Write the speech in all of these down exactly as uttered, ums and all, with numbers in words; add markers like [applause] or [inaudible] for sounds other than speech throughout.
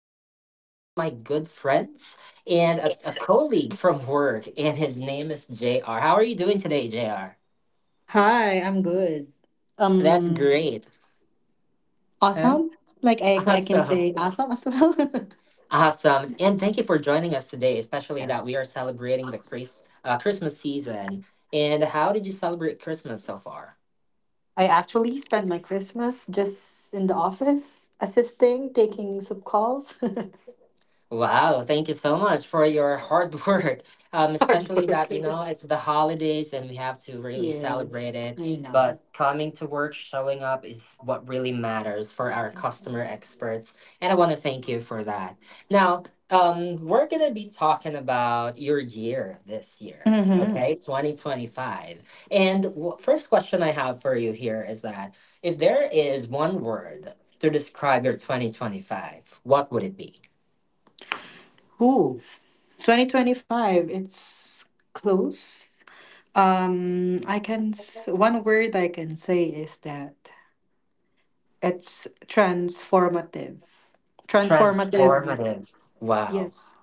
tonight is one of my good friends and a, a colleague from work, and his name is J R. How are you doing today, J R? Hi, I'm good. That's Um, great. Huh? awesome. Like [laughs] I, I can Awesome. say awesome as well. [laughs] Awesome. And thank you for joining us today, especially Yes. that we are celebrating the Chris, uh, Christmas season. And how did you celebrate Christmas so far? I actually spent my Christmas just in the office, assisting, taking some calls. Wow, thank you so much for your hard [laughs] work. Um, [laughs] Hard Especially work. that, you know, it's the holidays and we have to really celebrate Yes, it. I know. But coming to work, showing up is what really matters for our customer experts. And I want to thank you for that. Now, um, we're going to be talking about your year this year, Mm-hmm. okay? twenty twenty-five. And w- first question I have for you here is that if there is one word to describe your twenty twenty-five, what would it be? Ooh, twenty twenty-five. It's close. Um, I can. s- One word I can say is that it's transformative. Transformative. Transformative. Wow. Yes.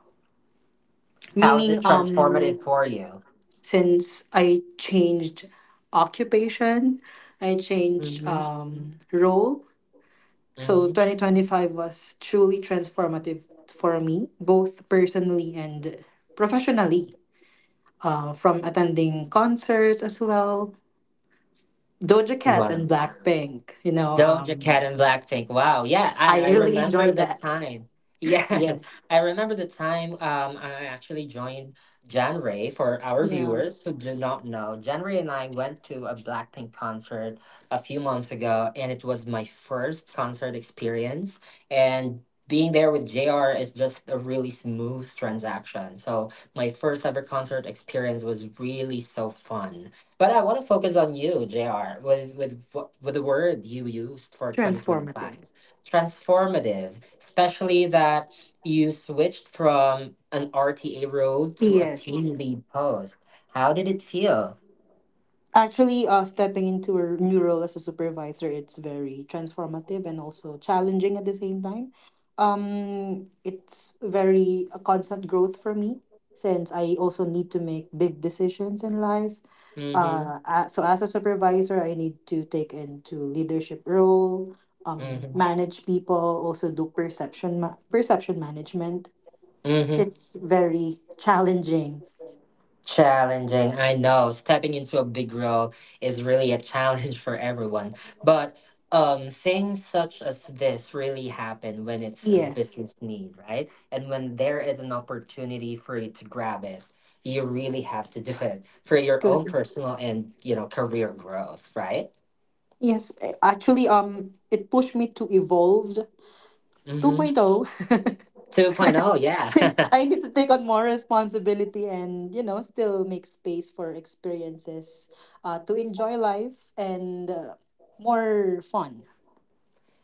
How is it Meaning, um, transformative for you? since I changed occupation, I changed Mm-hmm. um, role. So Mm-hmm. twenty twenty-five was truly transformative for me, both personally and professionally. Uh, from attending concerts as well, Doja Cat Wow. and Blackpink. You know, Doja um, Cat and Blackpink. Wow. Yeah, I I, I really remember enjoyed the that. time. Yeah, Yes. [laughs] I remember the time um, I actually joined Jan Ray for our Yeah. viewers who do not know. Jan Ray and I went to a Blackpink concert a few months ago, and it was my first concert experience. And being there with J R is just a really smooth transaction. So, my first ever concert experience was really so fun. But I want to focus on you, J R, with with wh- with the word you used for Transformative. twenty twenty-five, transformative, especially that you switched from an R T A role to a team Yes. lead post. How did it feel? Actually, uh, stepping into a new role as a supervisor, it's very transformative and also challenging at the same time. Um, it's very a constant growth for me since I also need to make big decisions in life. Mm-hmm. Uh, a- so as a supervisor, I need to take into leadership role, um, Mm-hmm. manage people, also do perception ma- perception management. Mm-hmm. It's very challenging. Challenging, I know. Stepping into a big role is really a challenge [laughs] for everyone. But um, things such as this really happen when it's a Yes. business need, right? And when there is an opportunity for you to grab it, you really have to do it for your because own personal and, you know, career growth, right? Yes, a- actually, um, it pushed me to evolve Mm-hmm. 2.0. [laughs] 2.0, Since yeah. I [laughs] need to take on more responsibility and you know still make space for experiences, uh, to enjoy life and uh, more fun.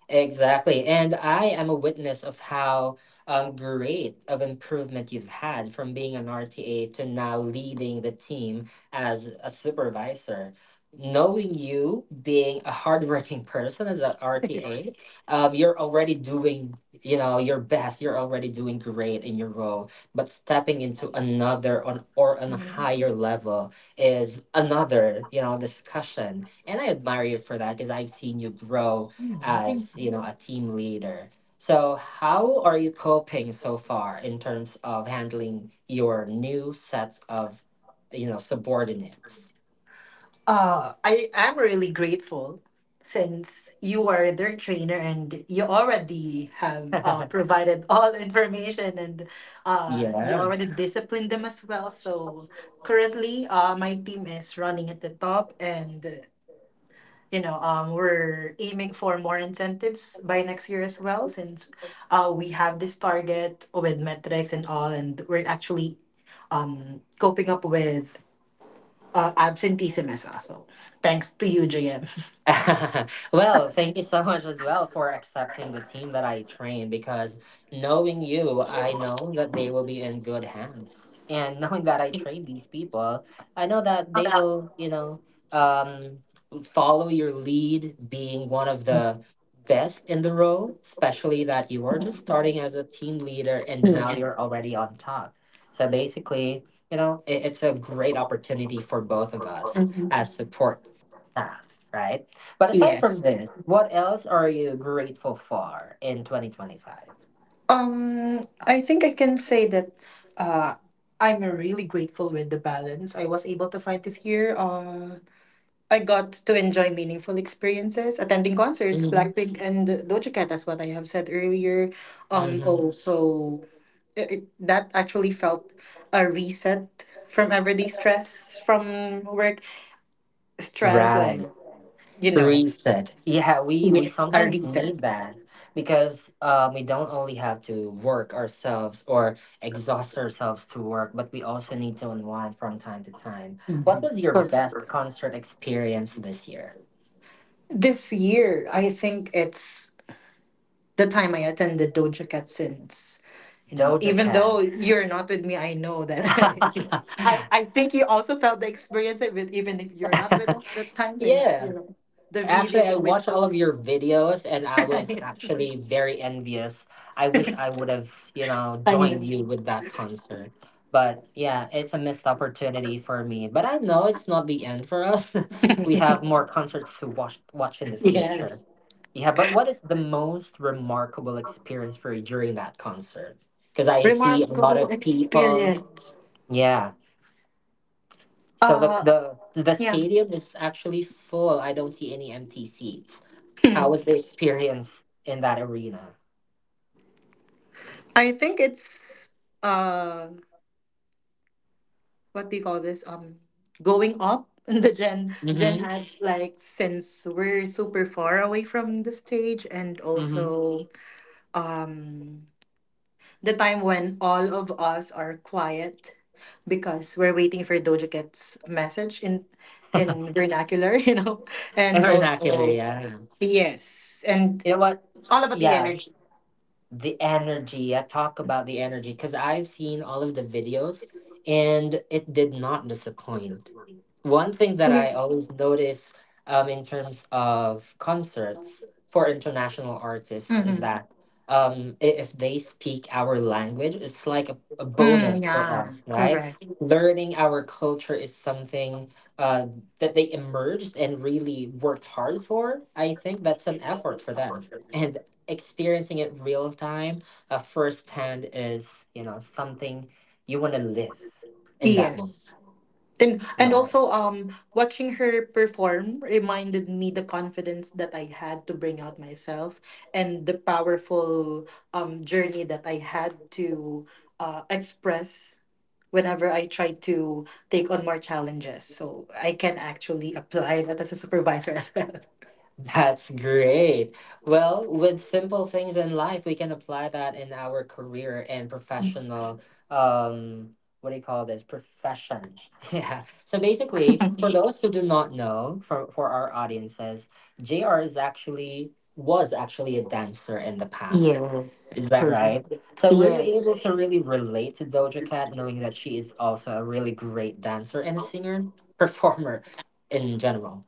Exactly. And I am a witness of how um, great of improvement you've had from being an R T A to now leading the team as a supervisor. Knowing you being a hardworking [laughs] person as an R T A, um, you're already doing, you know, your best. You're already doing great in your role. But stepping into another on or on a higher level is another, you know, discussion. And I admire you for that because I've seen you grow as, you know, a team leader. So how are you coping so far in terms of handling your new sets of, you know, subordinates? Uh, I am really grateful since you are their trainer and you already have uh, [laughs] provided [laughs] all the information, and uh, you Yeah. already disciplined them as well. So currently, uh, my team is running at the top and uh, you know um, we're aiming for more incentives by next year as well, since uh, we have this target with metrics and all, and we're actually um, coping up with uh, absenteeism is also thanks to you, J M. [laughs] Well, thank you so much as well for accepting the team that I train because knowing you, I know that they will be in good hands. And knowing that I train these people, I know that they About will, you know, um, follow your lead, being one of the best in the role, especially that you were just starting as a team leader [laughs] Hmm, and now you're already on top. So basically, you know, it, it's a great opportunity for both of us as support staff, right? But aside from yes. this, what else are you grateful for in twenty twenty-five? Um, I think I can say that uh, I'm really grateful with the balance I was able to find this year. Uh, I got to enjoy meaningful experiences, attending concerts, Hmm. Blackpink and Doja Cat, as what I have said earlier. Um, hmm. also, it, it- that actually felt a reset from everyday stress from work stress, Right. like you know. Reset. Yeah, we we Yes, sometimes early third. need that because um, we don't only have to work ourselves or exhaust ourselves to work, but we also need to unwind from time to time. What Mhm. was your Perfect. best concert experience this year? This year, I think it's the time I attended Doja Cat since. You know, Doja even Cat. though you're not with me, I know that. [laughs] I I think you also felt the experience of it, even if you're not with [laughs] us that time, since Yeah. you know the Actually, videos I are with watched you. all [laughs] of your videos and I was Right. actually very envious. I wish I would have, you know, I know. joined you with that concert. But yeah, it's a missed opportunity for me. But I know it's not the end for us. [laughs] We have more concerts to watch watch in the future. Yes, Yeah, but what is the most remarkable experience for you during that concert? Because I see a lot remarkable of people. experience. Yeah. So, the, Uh, the the yeah. stadium is actually full. I don't see any empty seats. How was the experience in that arena? I think it's. Uh. What do you call this, um going up [laughs] in the gen gen Mm-hmm. ad, like, since we're super far away from the stage, and Mm-hmm. also um the time when all of us are quiet because we're waiting for Doja Cat's message in in vernacular, [laughs] you know, and Vernacular, also yeah. yes, and You know what? it's all about the Yeah. energy. The energy. I talk about the energy because I've seen all of the videos and it did not disappoint. One thing that I Yes. always notice um, in terms of concerts for international artists is Mm-hmm. that um, i- if they speak our language it's like a, a Mm, bonus for yeah, us, right? correct. Learning our culture is something uh, that they emerged and really worked hard for. I think that's an effort for them and experiencing it real time, uh, firsthand is, you know, something you want to live in that moment, Yes. And and right? also um watching her perform reminded me the confidence that I had to bring out myself, and the powerful um journey that I had to uh, express whenever I try to take on more challenges. So I can actually apply that as a supervisor as well. That's great. Well, with simple things in life, we can apply that in our career and professional, um, what do you call this? Profession. [laughs] Yeah. So basically, for [laughs] those who do not know, for for our audiences, J R is actually was actually a dancer in the past. Yes, Is that correct. right? So were you Yes. able to really relate to Doja Cat, knowing that she is also a really great dancer and a singer, [laughs] performer in general?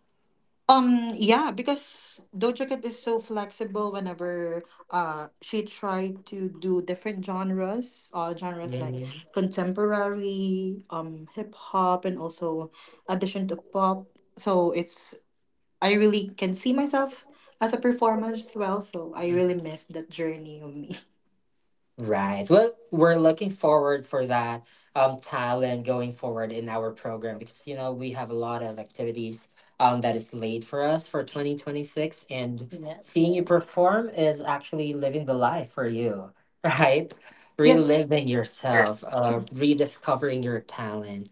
Um, yeah, because Doja Cat is so flexible whenever uh she tried to do different genres, uh genres like Mhm. contemporary, um hip hop, and also addition to pop. So it's I really can see myself as a performer as well, so I really miss that journey of me. Right. Well, we're looking forward for that um talent going forward in our program because you know we have a lot of activities um that is laid for us for twenty twenty-six, and Yes. seeing you perform is actually living the life for you, [laughs] right? Yes, Reliving yourself, uh rediscovering your talent.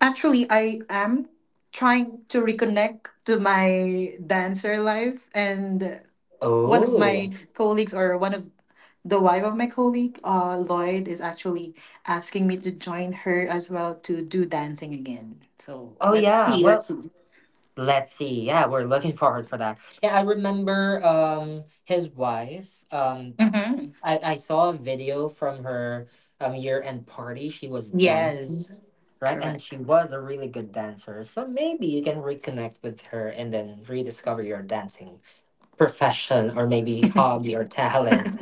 actually, I am trying to reconnect to my dancer life, and one of my Oh. colleagues, or one of the wife of my colleague, uh, Lloyd, is actually asking me to join her as well to do dancing again. So Oh let's yeah. see. Let's Well, see. let's see. Yeah, we're looking forward for that. Yeah, I remember um his wife. Um Hmm. I, I saw a video from her um, year end party. She was dancing, Yes, right? And correct. she was a really good dancer. So maybe you can reconnect with her and then rediscover your dancing profession or maybe hobby or talent.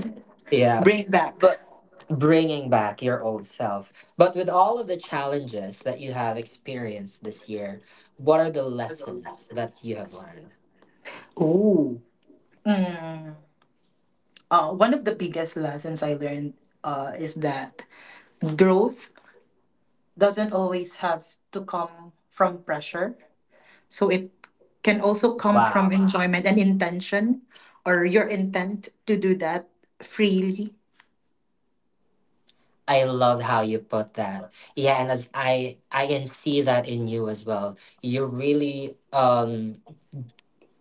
Yeah. Bring it back. But bringing back your old self. But with all of the challenges that you have experienced this year, what are the lessons that you have learned? Oh. Mm. Uh, one of the biggest lessons I learned uh, is that growth doesn't always have to come from pressure. So it can also come from Wow. enjoyment and intention, or your intent to do that freely. I love how you put that. Yeah, and as I I can see that in you as well. You really um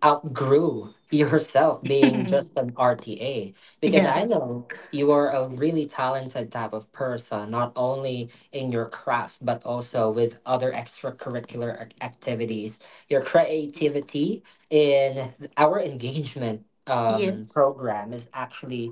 outgrew [laughs] yourself being just an R T A because Yeah. I [laughs] know you are a really talented type of person, not only in your craft but also with other extracurricular ac- activities. Your creativity in our engagement um Yes. program is actually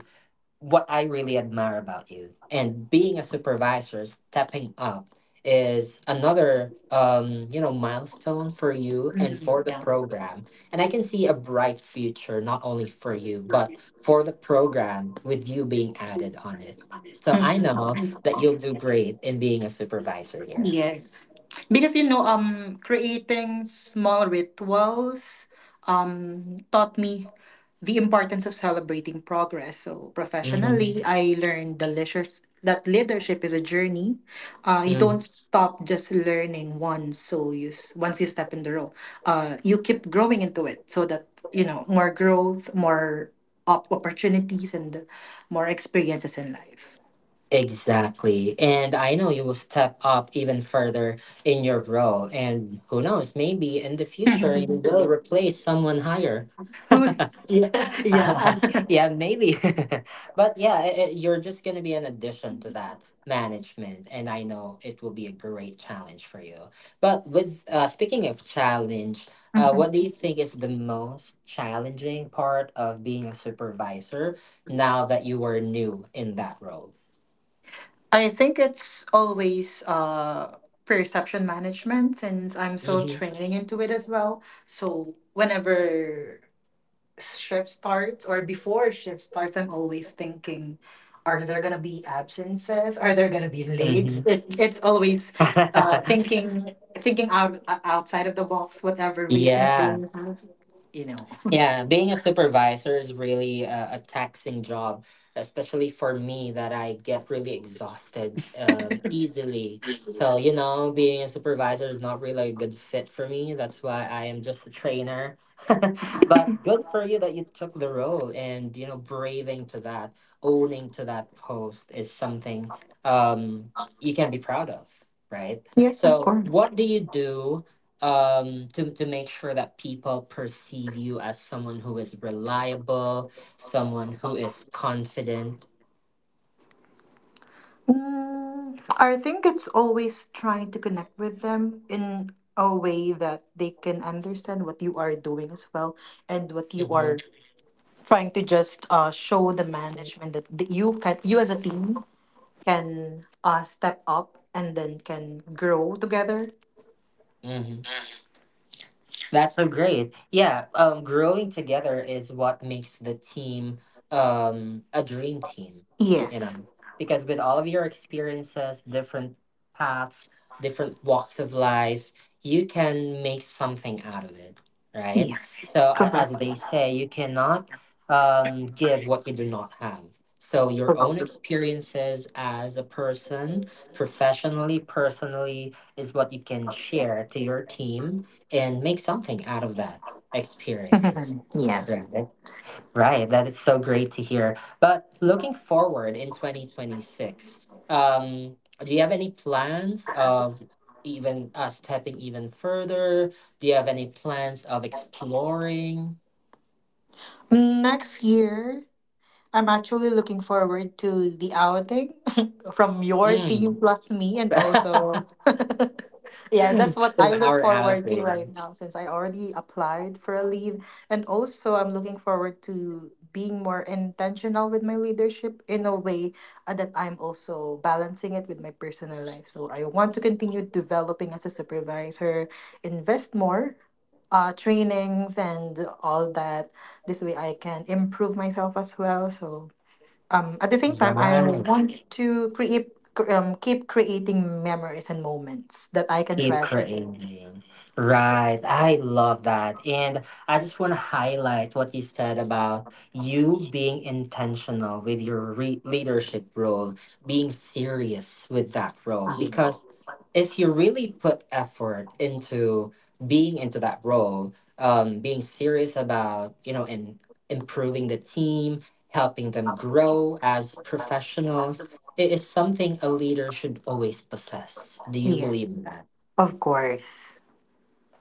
what I really admire about you. And being a supervisor, stepping up is another um, you know, milestone for you and Mhm. for the Yeah. program. And I can see a bright future not only for you but for the program with you being added on it. So I Mhm. know that you'll do great in being a supervisor here. Yes. Because you know, um creating small rituals um taught me the importance of celebrating progress. So professionally, Hmm. I learned the leisures that leadership is a journey. Uh, you don't Hmm. stop just learning once. So you s- once you step in the role, uh, you keep growing into it. So that you know more growth, more op- opportunities, and more experiences in life. Exactly. And I know you will step up even further in your role. And who knows, maybe in the future you will [laughs] replace someone higher. Who? Yeah, [laughs] yeah. [laughs] Yeah, maybe. [laughs] But yeah, i i- you're just going to be an addition to that management. And I know it will be a great challenge for you. But with uh, speaking of challenge, uh, Mhm. what do you think is the most challenging part of being a supervisor now that you are new in that role? I think it's always uh, perception management, since I'm still training into it as well. So whenever shift starts, or before shift starts, I'm always thinking, are there gonna be absences? Are there gonna be late? Mm-hmm. It, it's always uh, [laughs] thinking thinking out uh, outside of the box, whatever reasons they Yeah. have, you know. Yeah. Being a supervisor is really a, a taxing job, especially for me that I get really exhausted um, easily. So, you know, being a supervisor is not really a good fit for me. That's why I am just a trainer. [laughs] But good for you that you took the role and, you know, braving to that, owning to that post is something um, you can be proud of, right? Yes, of So, course. what do you do, um to to make sure that people perceive you as someone who is reliable, someone who is confident? Mm, I think it's always trying to connect with them in a way that they can understand what you are doing as well, and what you are Mhm, trying to just uh, show the management that th- you can, you as a team, can uh, step up and then can grow together. mhm. That's so great. Yeah, um, growing together is what makes the team um, a dream team, you Yes. know, because with all of your experiences, different paths, different walks of life, you can make something out of it, right? Yes. So, a- Correct. as they say, you cannot um, give what you do not have. So, [laughs] your own Correct. experiences as a person, professionally, personally, is what you can share to your team and make something out of that experience. Yes. Right. Right. That is so great to hear. But looking forward in twenty twenty-six, um, do you have any plans of even uh, stepping even further? Do you have any plans of exploring? Next year I'm actually looking forward to the outing [laughs] from your team Mm. plus me, and also [laughs] [laughs] yeah, From that's what I look our forward to right outing. now, since I already applied for a leave. And also, I'm looking forward to being more intentional with my leadership, in a way uh, that I'm also balancing it with my personal life. So I want to continue developing as a supervisor, invest more uh trainings and all that, this way I can improve myself as well. So um, at the same time, I Right. want to create cr- um, keep creating memories and moments that I can Keep treasure. creating. Right. Yes. I love that. And I just want to highlight what you said about you being intentional with your re- leadership role, being serious with that role. Ye- Because if you really put effort into being into that role, um, being serious about, you know, and improving the team, helping them grow as professionals, it is something a leader should always possess. Do you believe Yes. in that? Of course.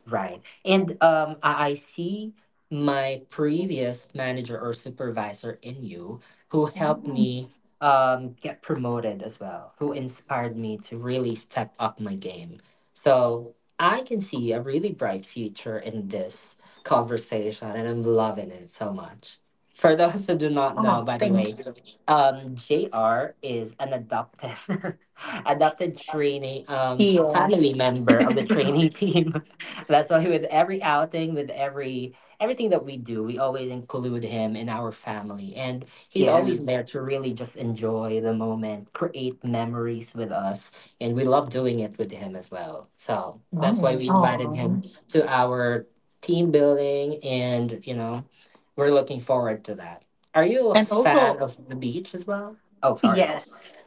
Right. And um, I, I see my previous manager or supervisor in you who helped Mm. me um, get promoted as well, who inspired me to really step up my game. So I can see a really bright future in this conversation, and I'm loving it so much. For [laughs] those who do not know, Oh, by the thank way, um, J R is an adopted [laughs] adopted trainee um, you. family member of Yes. the training [laughs] team. That's why with every outing, with every everything that we do, we always include him in our family, and [laughs] he's always Yes. there to really just enjoy the moment, create memories with us, and we love doing it with him as well. So that's why Mm. we invited Oh. him to our team building, and you know, we're looking forward to that. Are you a And fan also, of the beach as well? Oh, sorry. yes,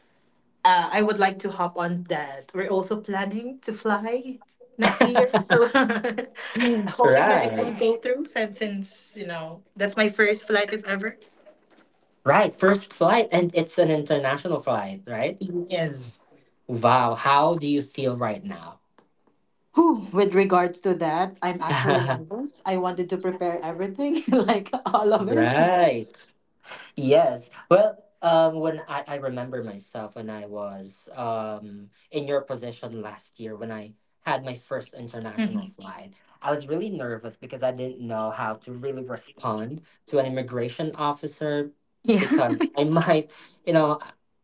uh, I would like to hop on that. We're also planning to fly next year, so [laughs] [laughs] hoping that it Right, will go through. Since, since you know, that's my first flight if ever. right. First flight, and it's an international flight, right? Yes. Wow, how do you feel right now? Whew, with regards to that, I'm actually [laughs] nervous. I wanted to prepare everything, [laughs] like all of it. Right. Yes. Well, um, when I, I remember myself when I was um, in your position last year when I had my first international Mhm. flight, I was really nervous because I didn't know how to really respond to an immigration officer Yeah. because I might, you know,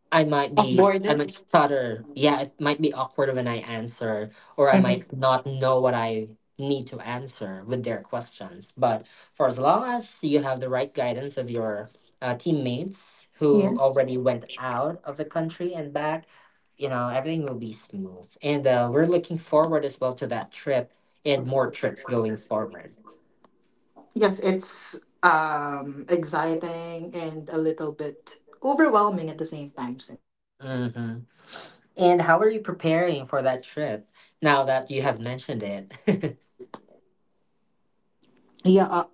I might Off be, I might boarded. stutter. Yeah, it might be awkward when I answer, or I Mhm. might not know what I need to answer with their questions. But for as long as you have the right guidance of your uh, teammates who Yes. already went out of the country and back, you know, everything will be smooth. And uh, we're looking forward as well to that trip and Of more course. trips going forward. Yes, it's um exciting and a little bit overwhelming at the same time, so. hmm And how are you preparing for that trip now that you have mentioned it? [laughs] Yeah, uh,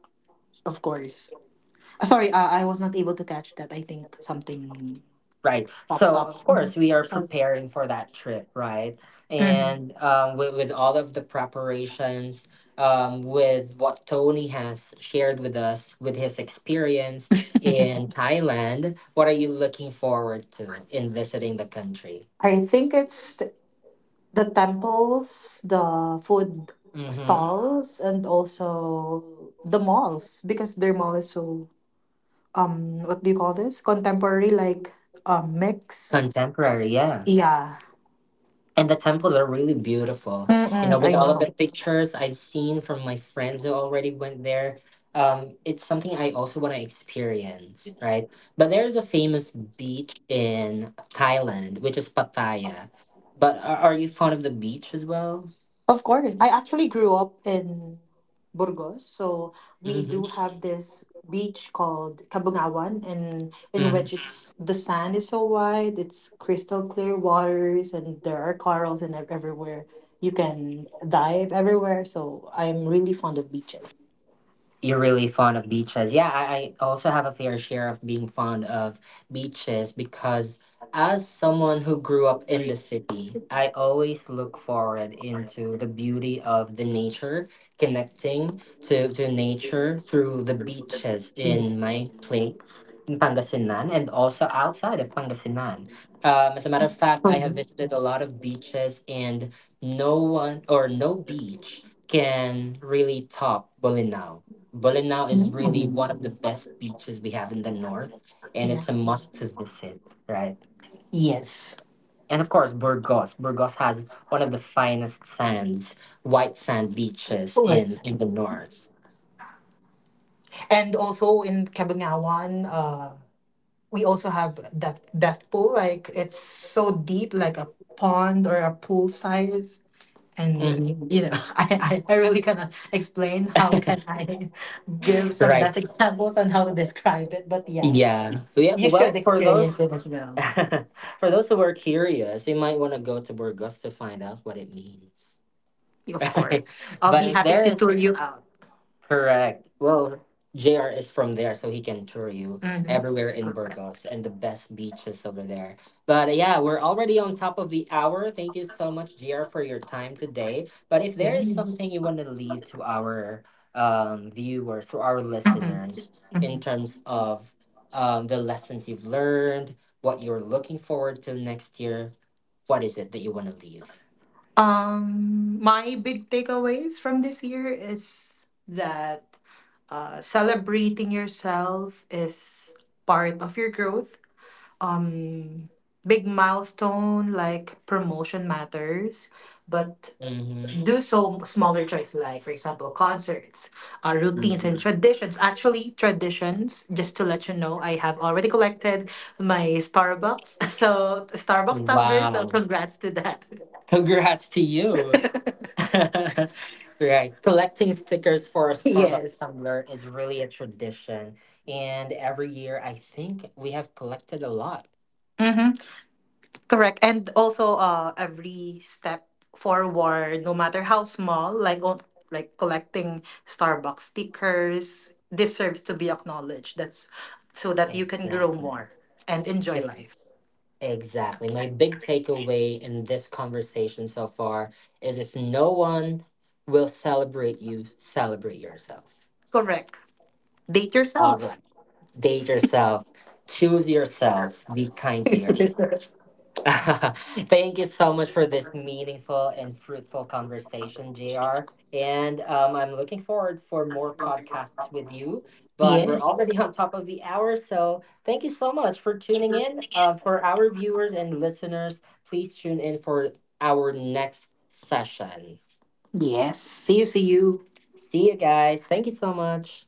of course. Uh, Sorry, uh, I was not able to catch that. I think something Right. popped So, up. of Mhm. course, we are Sorry. preparing for that trip, right? Mm-hmm. And um, with, with all of the preparations, um, with what Tony has shared with us, with his experience in Thailand, what are you looking forward to in visiting the country? I think it's the temples, the food Mm-hmm. stalls, and also the malls, because their mall is so um what do you call this, contemporary, like, um mix. Contemporary, yeah. Yeah. And the temples are really beautiful. You Mm-mm, know, with I all of know. the pictures I've seen from my friends who already went there, um, it's something I also want to experience, right? But there's a famous beach in Thailand, which is Pattaya. But are, are you fond of the beach as well? Of course. I actually grew up in Burgos, so we do Mm-hmm. have this beach called Kabungawan, and in Mm-hmm. which it's the sand is so wide, it's crystal clear waters, and there are corals and ev- everywhere. You can dive everywhere, so I'm really fond of beaches. You're really fond of beaches. Yeah, I, I also have a fair share of being fond of beaches because as someone who grew up in the city, I always look forward into the beauty of the nature, connecting to, to nature through the beaches Yeah. in my place in Pangasinan and also outside of Pangasinan. Um, as a matter of fact, I have Mhm. visited a lot of beaches and no one or no beach can really top Bolinao. Bolinao is really Mm. one of the best beaches we have in the north, and Yeah. it's a must to visit, right? Yes. And of course, Burgos. Burgos has one of the finest sands, white sand beaches in Right. in the north. And also in Kabungawan, uh we also have that death pool. Like it's so deep, like a pond or a pool size. And uh, hmm you know, [laughs] I, I, I really cannot explain how can I [laughs] give some best Right? examples on how to describe it. But yeah, Yeah. Yeah. you should Well, for experience those it as well. [laughs] for those who are curious, you might want to go to Burgos to find out what it means. [laughs] Of Right? course. I'll But be if happy there to is tour you out. Correct. Well, J R is from there, so he can tour you Mm-hmm. everywhere in Perfect. Burgos and the best beaches over there. But uh, yeah, we're already on top of the hour. Thank you so much, J R, for your time today. But if there is Yes. something you want to leave to our um, viewers, to our Mhm. listeners, in terms of um, the lessons you've learned, what you're looking forward to next year, what is it that you want to leave? Um, my big takeaways from this year is that uh, celebrating yourself is part of your growth. Um, big milestone like promotion matters, but hmm do so smaller choice like, for example, concerts, uh, hmm routines, and traditions. Actually, traditions, just to let you know, I have already collected my Starbucks, [laughs] so Starbucks tumbler, so Wow. congrats to that. Congrats to you. [laughs] Right. Collecting stickers for a [laughs] Starbucks Yes. tumbler is really a tradition. And every year, I think we have collected a lot. Mm-hmm. Correct. And also uh every step forward, no matter how small, like on like collecting Starbucks stickers, deserves to be acknowledged. That's so that you can grow Exactly. more and enjoy If life. exactly. My big takeaway in this conversation so far is if no one will celebrate you, celebrate yourself. Correct. Date All yourself. right. Date yourself. Choose yourself. Be kind to [laughs] yourself. Yes. [laughs] Thank you so much for this meaningful and fruitful conversation, J R. And um, I'm looking forward for more podcasts with you. But we're Yes. already [laughs] on top of the hour, so thank you so much for tuning in. Uh, for our viewers and listeners, please tune in for our next session. Yes. See you, see you. See you guys. Thank you so much.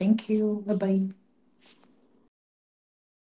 Thank you. Bye bye. Yeah.